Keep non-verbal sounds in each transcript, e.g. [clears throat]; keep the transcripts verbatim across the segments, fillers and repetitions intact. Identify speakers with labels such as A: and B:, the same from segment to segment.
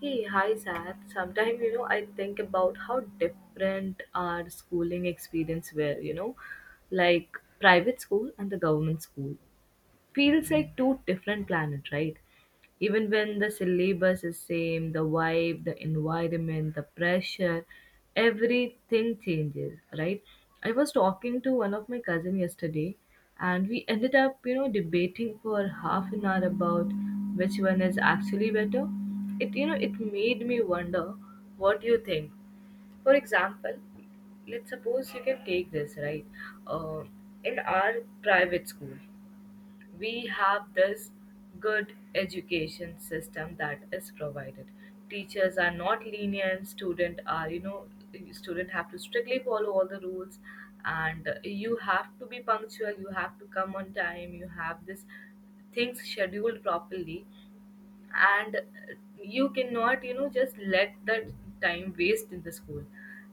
A: Hey, hi, Sat. Sometimes, you know, I think about how different our schooling experience were, you know, like private school and the government school feels like two different planets, right? Even when the syllabus is same, the vibe, the environment, the pressure, everything changes, right? I was talking to one of my cousin yesterday, and we ended up, you know, debating for half an hour about which one is actually better. It, you know, it made me wonder, what do you think? For example, let's suppose you can take this, right? Uh, in our private school we have this good education system that is provided, teachers are not lenient, student are you know student have to strictly follow all the rules. And uh, you have to be punctual, you have to come on time, you have this things scheduled properly. And you cannot, you know just let that time waste in the school.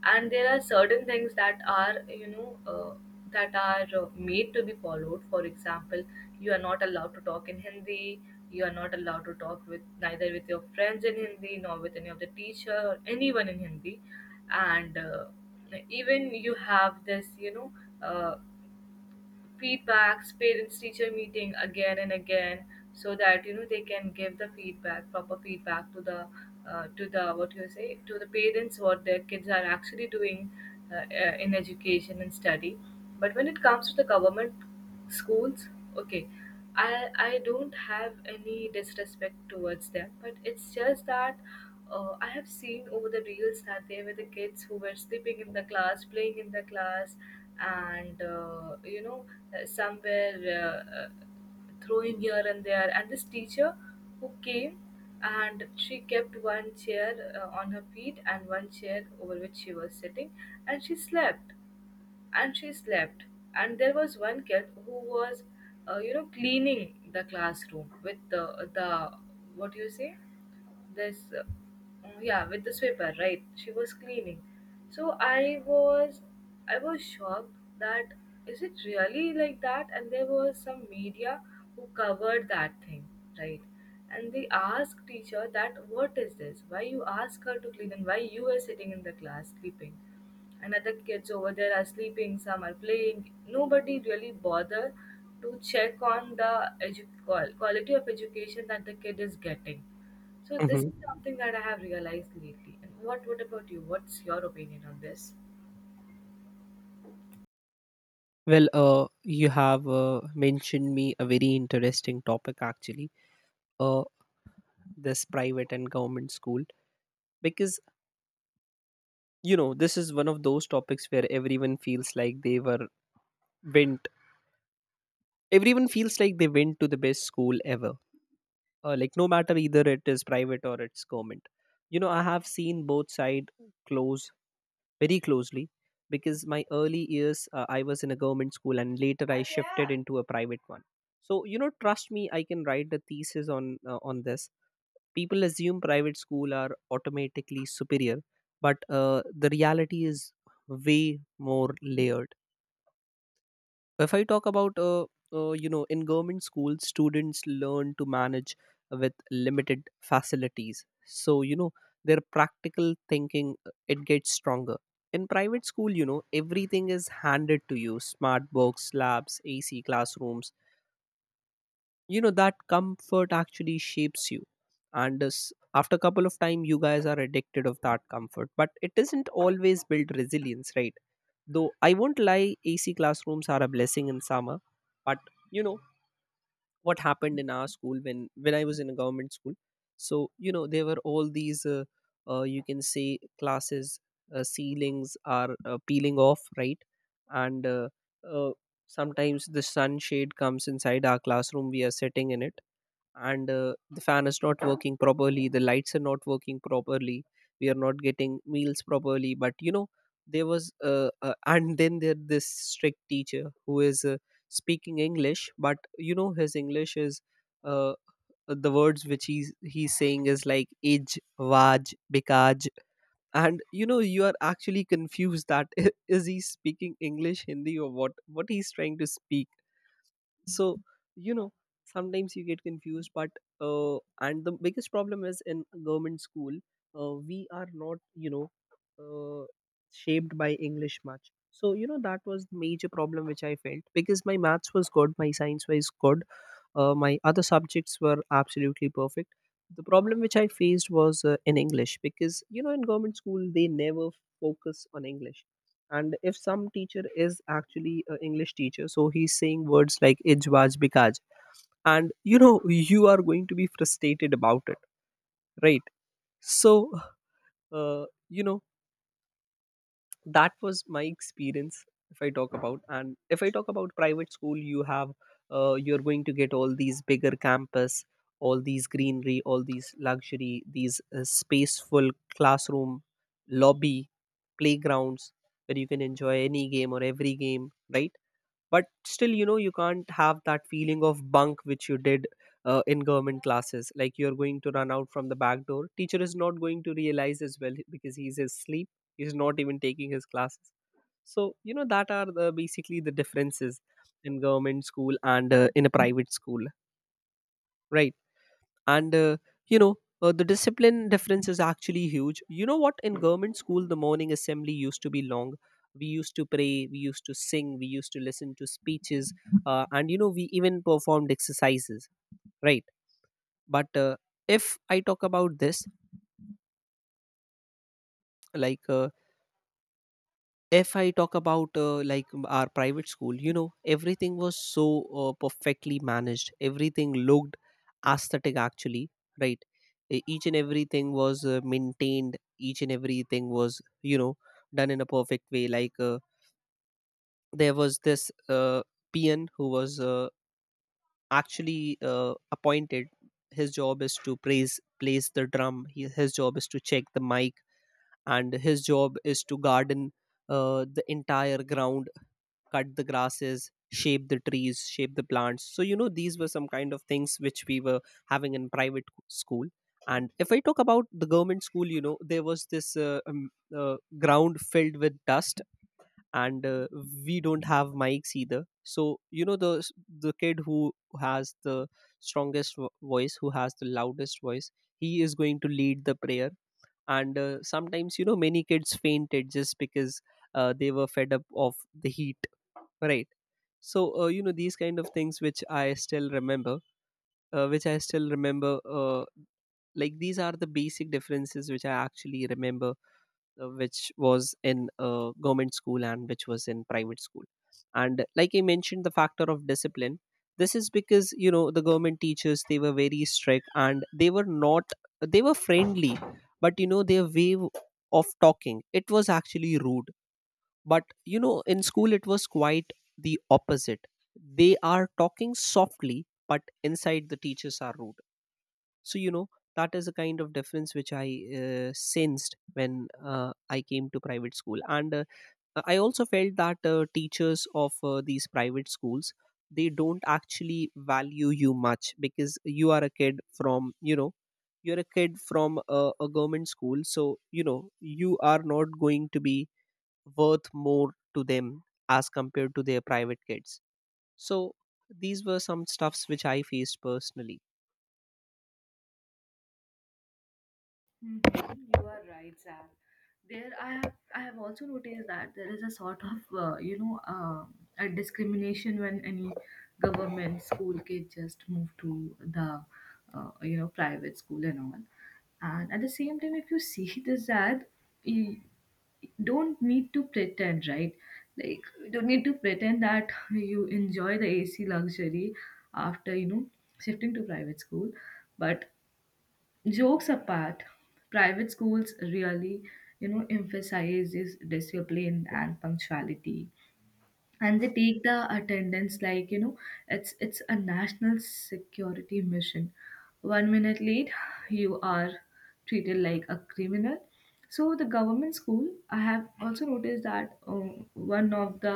A: And there are certain things that are, you know uh, that are, uh, made to be followed. For example, you are not allowed to talk in Hindi, you are not allowed to talk with neither with your friends in Hindi nor with any of the teacher or anyone in Hindi. And uh, even you have this, you know uh, feedbacks, parents teacher meeting again and again, so that you know they can give the feedback, proper feedback to the, uh, to the, what you say, to the parents what their kids are actually doing, uh, uh, in education and study. But when it comes to the government schools, okay, I I don't have any disrespect towards them, but it's just that, uh, I have seen over the reels that there were the kids who were sleeping in the class, playing in the class, and uh, you know uh, somewhere, uh, uh, throwing here and there. And this teacher who came and she kept one chair uh, on her feet and one chair over which she was sitting, and she slept and she slept And there was one kid who was, uh, you know cleaning the classroom with the the, what do you say, this, uh, yeah, with the sweeper, right? She was cleaning. So i was i was shocked that, is it really like that? And there was some media who covered that thing, right? And they asked teacher that, what is this, why you ask her to clean and why you are sitting in the class sleeping? And other kids over there are sleeping, some are playing. Nobody really bother to check on the edu- qual- quality of education that the kid is getting. So this
B: Mm-hmm.
A: is something that I have realized lately. And what what about you? What's your opinion on this?
B: Well, uh, you have uh, mentioned me a very interesting topic actually. Uh, this private and government school, because you know this is one of those topics where everyone feels like they were went. Everyone feels like they went to the best school ever. Uh, like, no matter either it is private or it's government. You know I have seen both side close very closely because my early years, uh, I was in a government school and later I shifted into a private one. So you know, trust me, I can write a thesis on uh, on this. People assume private school are automatically superior, but uh, the reality is way more layered. If I talk about, uh, uh, you know, in government schools, students learn to manage with limited facilities. So, you know, their practical thinking, uh, it gets stronger. In private school, you know, everything is handed to you: smart books, labs, A C classrooms. You know, that comfort actually shapes you. And this, after a couple of time, you guys are addicted of that comfort. But it doesn't always build resilience, right? Though I won't lie, A C classrooms are a blessing in summer. But you know what happened in our school when when I was in a government school. So you know there were all these uh, uh, you can say classes, uh, ceilings are uh, peeling off, right? And uh, uh, sometimes the sunshade comes inside our classroom. We are sitting in it, and uh, the fan is not working properly, the lights are not working properly, we are not getting meals properly. But you know, there was uh, uh, [laughs] and then there this strict teacher who is uh, speaking English, but you know his English is uh, the words which he's he's saying is like ij vaj bikaj. And you know, you are actually confused that [laughs] is he speaking English, Hindi, or what what he's trying to speak. So you know, sometimes you get confused. But uh, and the biggest problem is, in government school, uh, we are not, you know, uh, shaped by English much. So you know, that was the major problem which I felt, because my maths was good, my science was good, uh, my other subjects were absolutely perfect. The problem which I faced was uh, in English, because you know, in government school they never focus on English. And if some teacher is actually an English teacher, so he's saying words like ijwaj bikaj, and you know, you are going to be frustrated about it, right? So uh, you know, that was my experience. If I talk about, and if I talk about private school, you have, uh, you're going to get all these bigger campus, all these greenery, all these luxury, these uh, spaceful classroom, lobby, playgrounds, where you can enjoy any game or every game, right? But still you know, you can't have that feeling of bunk which you did uh, in government classes, like, you're going to run out from the back door, teacher is not going to realize as well because he's asleep, he's not even taking his classes. So you know, that are the basically the differences in government school and uh, in a private school, right? And uh, you know, uh, the discipline difference is actually huge. You know what, in government school the morning assembly used to be long. We used to pray, we used to sing, we used to listen to speeches, uh, and you know, we even performed exercises, right? But uh, if I talk about this, like, uh, if I talk about, uh, like, our private school, you know, everything was so uh, perfectly managed. Everything looked aesthetic, actually, right? E- Each and everything was uh, maintained. Each and everything was, you know, done in a perfect way. Like, uh, there was this uh, peon who was, uh, actually, uh, appointed. His job is to praise, place the drum. He, his job is to check the mic, and his job is to garden uh, the entire ground, cut the grasses, shape the trees, shape the plants. So you know, these were some kind of things which we were having in private school. And if I talk about the government school, you know, there was this uh, um, uh, ground filled with dust. And uh, we don't have mics either. So you know, the the kid who has the strongest vo- voice, who has the loudest voice, he is going to lead the prayer. And uh, sometimes, you know, many kids fainted just because uh, they were fed up of the heat, right? So uh, you know, these kind of things which I still remember, uh, which i still remember uh, like, these are the basic differences which I actually remember, uh, which was in uh, government school and which was in private school. And like I mentioned, the factor of discipline, this is because you know, the government teachers, they were very strict and they were not, they were friendly. But you know, their way of talking, it was actually rude. But you know, in school it was quite the opposite. They are talking softly, but inside the teachers are rude. So, you know, that is a kind of difference which I uh, sensed when uh, I came to private school. And uh, I also felt that uh, teachers of uh, these private schools, they don't actually value you much, because you are a kid from, you know, you're a kid from a, a government school. So you know, you are not going to be worth more to them as compared to their private kids. So these were some stuffs which I faced personally.
A: Mhm. You are right, Sam. There, I have I have also noticed that there is a sort of, uh, you know uh, a discrimination when any government school kid just move to the, uh, you know private school and all. And at the same time, if you see [laughs] this ad, you don't need to pretend, right? Like you don't need to pretend that you enjoy the A C luxury after, you know shifting to private school, but jokes apart, private schools really, you know, emphasizes discipline and punctuality. And they take the attendance like, you know, it's it's a national security mission. One minute late, you are treated like a criminal. So the government school, I have also noticed that, um, one of the,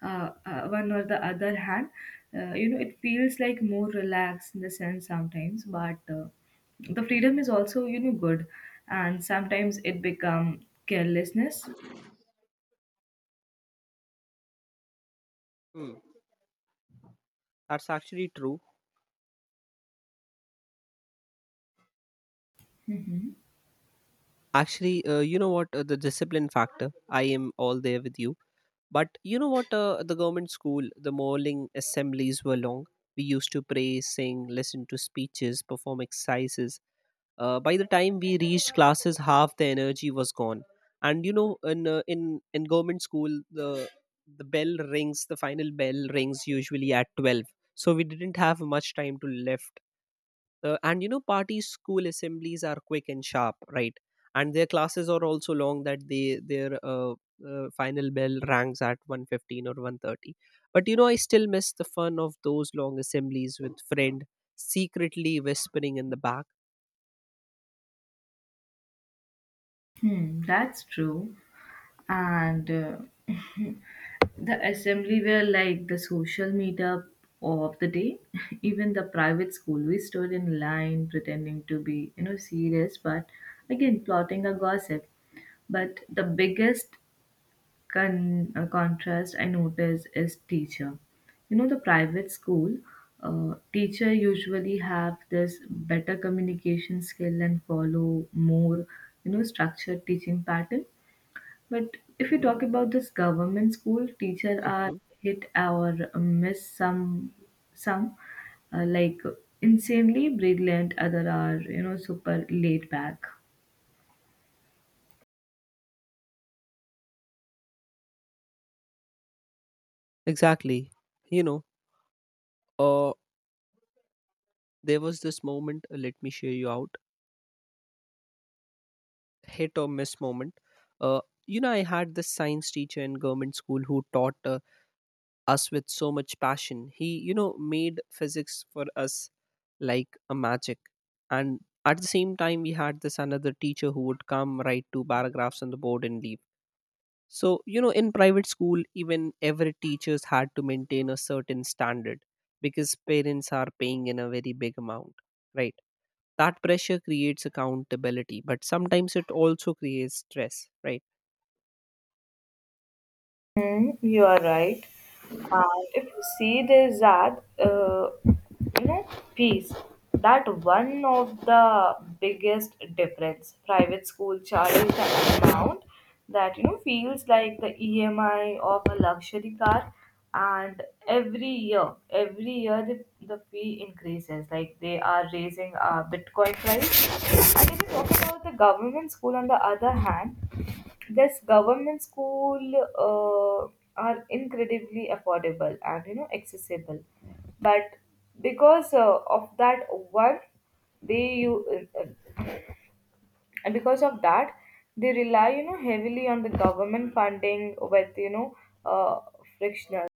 A: uh, uh, one or the other hand, uh, you know, it feels like more relaxed in the sense sometimes, but uh, the freedom is also, you know, good, and sometimes it become carelessness.
B: Hmm. That's actually true. Actually, uh, you know what, uh, the discipline factor, I am all there with you. But you know what, uh, the government school, the morning assemblies were long. We used to pray, sing, listen to speeches, perform exercises. Uh, by the time we reached classes, half the energy was gone. And you know, in uh, in in government school, the the bell rings, the final bell rings usually at twelve. So we didn't have much time to left. Uh, and you know, party school assemblies are quick and sharp, right? And their classes are also long, that they their uh, uh, final bell ranks at one fifteen or one thirty. But you know, I still miss the fun of those long assemblies with friend, secretly whispering in the back.
A: Hmm, that's true. And uh, [laughs] the assembly were like the social meetup of the day. [laughs] Even the private school, we stood in line pretending to be, you know, serious, but again plotting a gossip. But the biggest con- uh, contrast I notice is teacher. You know, the private school uh, teacher usually have this better communication skill and follow more, you know, structured teaching pattern. But if you talk about this government school, teacher are hit or miss. Some some uh, like, insanely brilliant, other are, you know, super laid back.
B: Exactly. You know, uh, there was this moment, uh, let me share you out, hit or miss moment. Uh, you know, I had this science teacher in government school who taught uh, us with so much passion. He, you know, made physics for us like a magic. And at the same time, we had this another teacher who would come, write two paragraphs on the board, and leave. So, you know, in private school, even every teachers had to maintain a certain standard, because parents are paying in a very big amount, right? That pressure creates accountability, but sometimes it also creates stress, right?
A: Mm, you are right. And if you see, there's that, uh, you know, piece, that one of the biggest difference, private school charges an amount that, you know, feels like the E M I of a luxury car. And every year, every year the, the fee increases, like they are raising a Bitcoin price. And if you talk about the government school, on the other hand, this government school uh, are incredibly affordable and, you know, accessible, but because uh, of that one, they you uh, and because of that they rely, you know, heavily on the government funding with, you know uh, frictional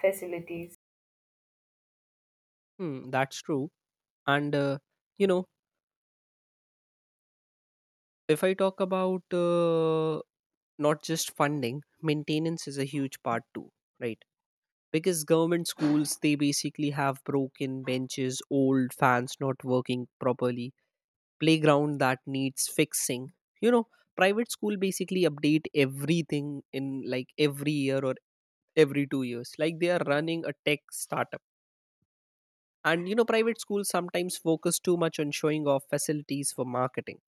A: facilities.
B: Hmm, that's true. And uh, you know, if I talk about, uh, not just funding, maintenance is a huge part too, right? Because government schools, they basically have broken benches, old fans not working properly, playground that needs fixing. You know, private school basically update everything in like every year or every two years, like they are running a tech startup. And you know, private schools sometimes focus too much on showing off facilities for marketing.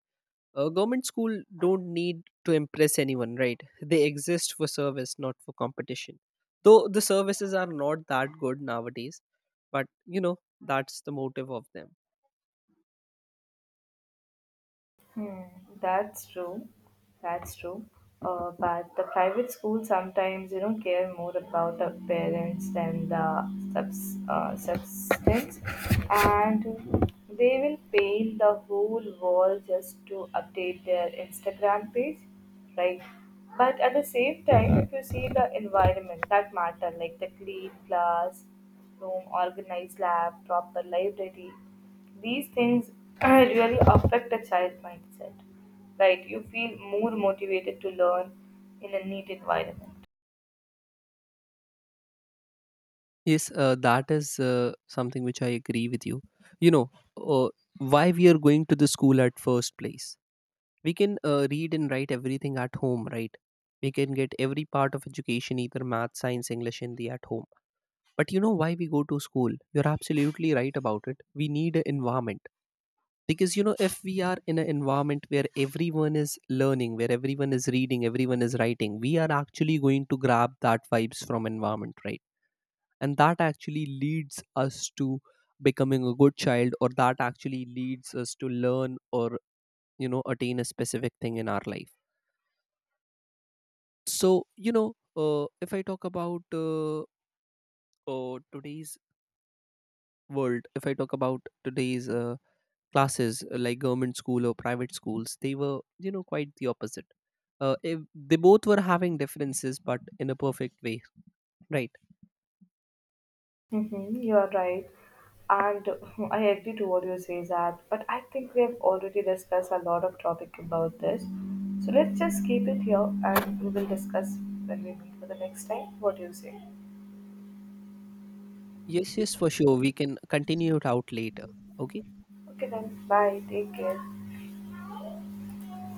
B: A government school don't need to impress anyone, right? They exist for service, not for competition. Though the services are not that good nowadays, but you know, that's the motive of them.
A: Hmm, that's true. That's true. Uh, but the private school sometimes, you know, care more about the parents than the subs, uh, substance, and they will paint the whole wall just to update their Instagram page, right? But at the same time, if you see the environment that matter, like the clean class room, organized lab, proper library, these things [clears throat] really affect a child's mindset. Right? You feel more motivated to learn in a neat environment.
B: Yes, uh, that is uh, something which I agree with you. You know, uh, why we are going to the school at first place? We can uh, read and write everything at home, right? We can get every part of education, either math, science, English, Hindi, at home. But you know, why we go to school? You're absolutely right about it, we need an environment. Because you know, if we are in an environment where everyone is learning, where everyone is reading, everyone is writing, we are actually going to grab that vibes from environment, right? And that actually leads us to becoming a good child, or that actually leads us to learn, or you know, attain a specific thing in our life. So you know, uh, if I talk about, uh, uh, today's world, if I talk about today's uh, classes, uh, like, government school or private schools, they were, you know, quite the opposite. Uh, if they both were having differences, but in a perfect way, right?
A: Mm-hmm, you're right. And [laughs] I agree to what you say, Zad. But I think we have already discussed a lot of topic about this. So let's just keep it here and we will discuss when we meet for the next time. What do you say?
B: Yes, yes, for sure, we can continue it out later. Okay.
A: Okay then, bye. Take care.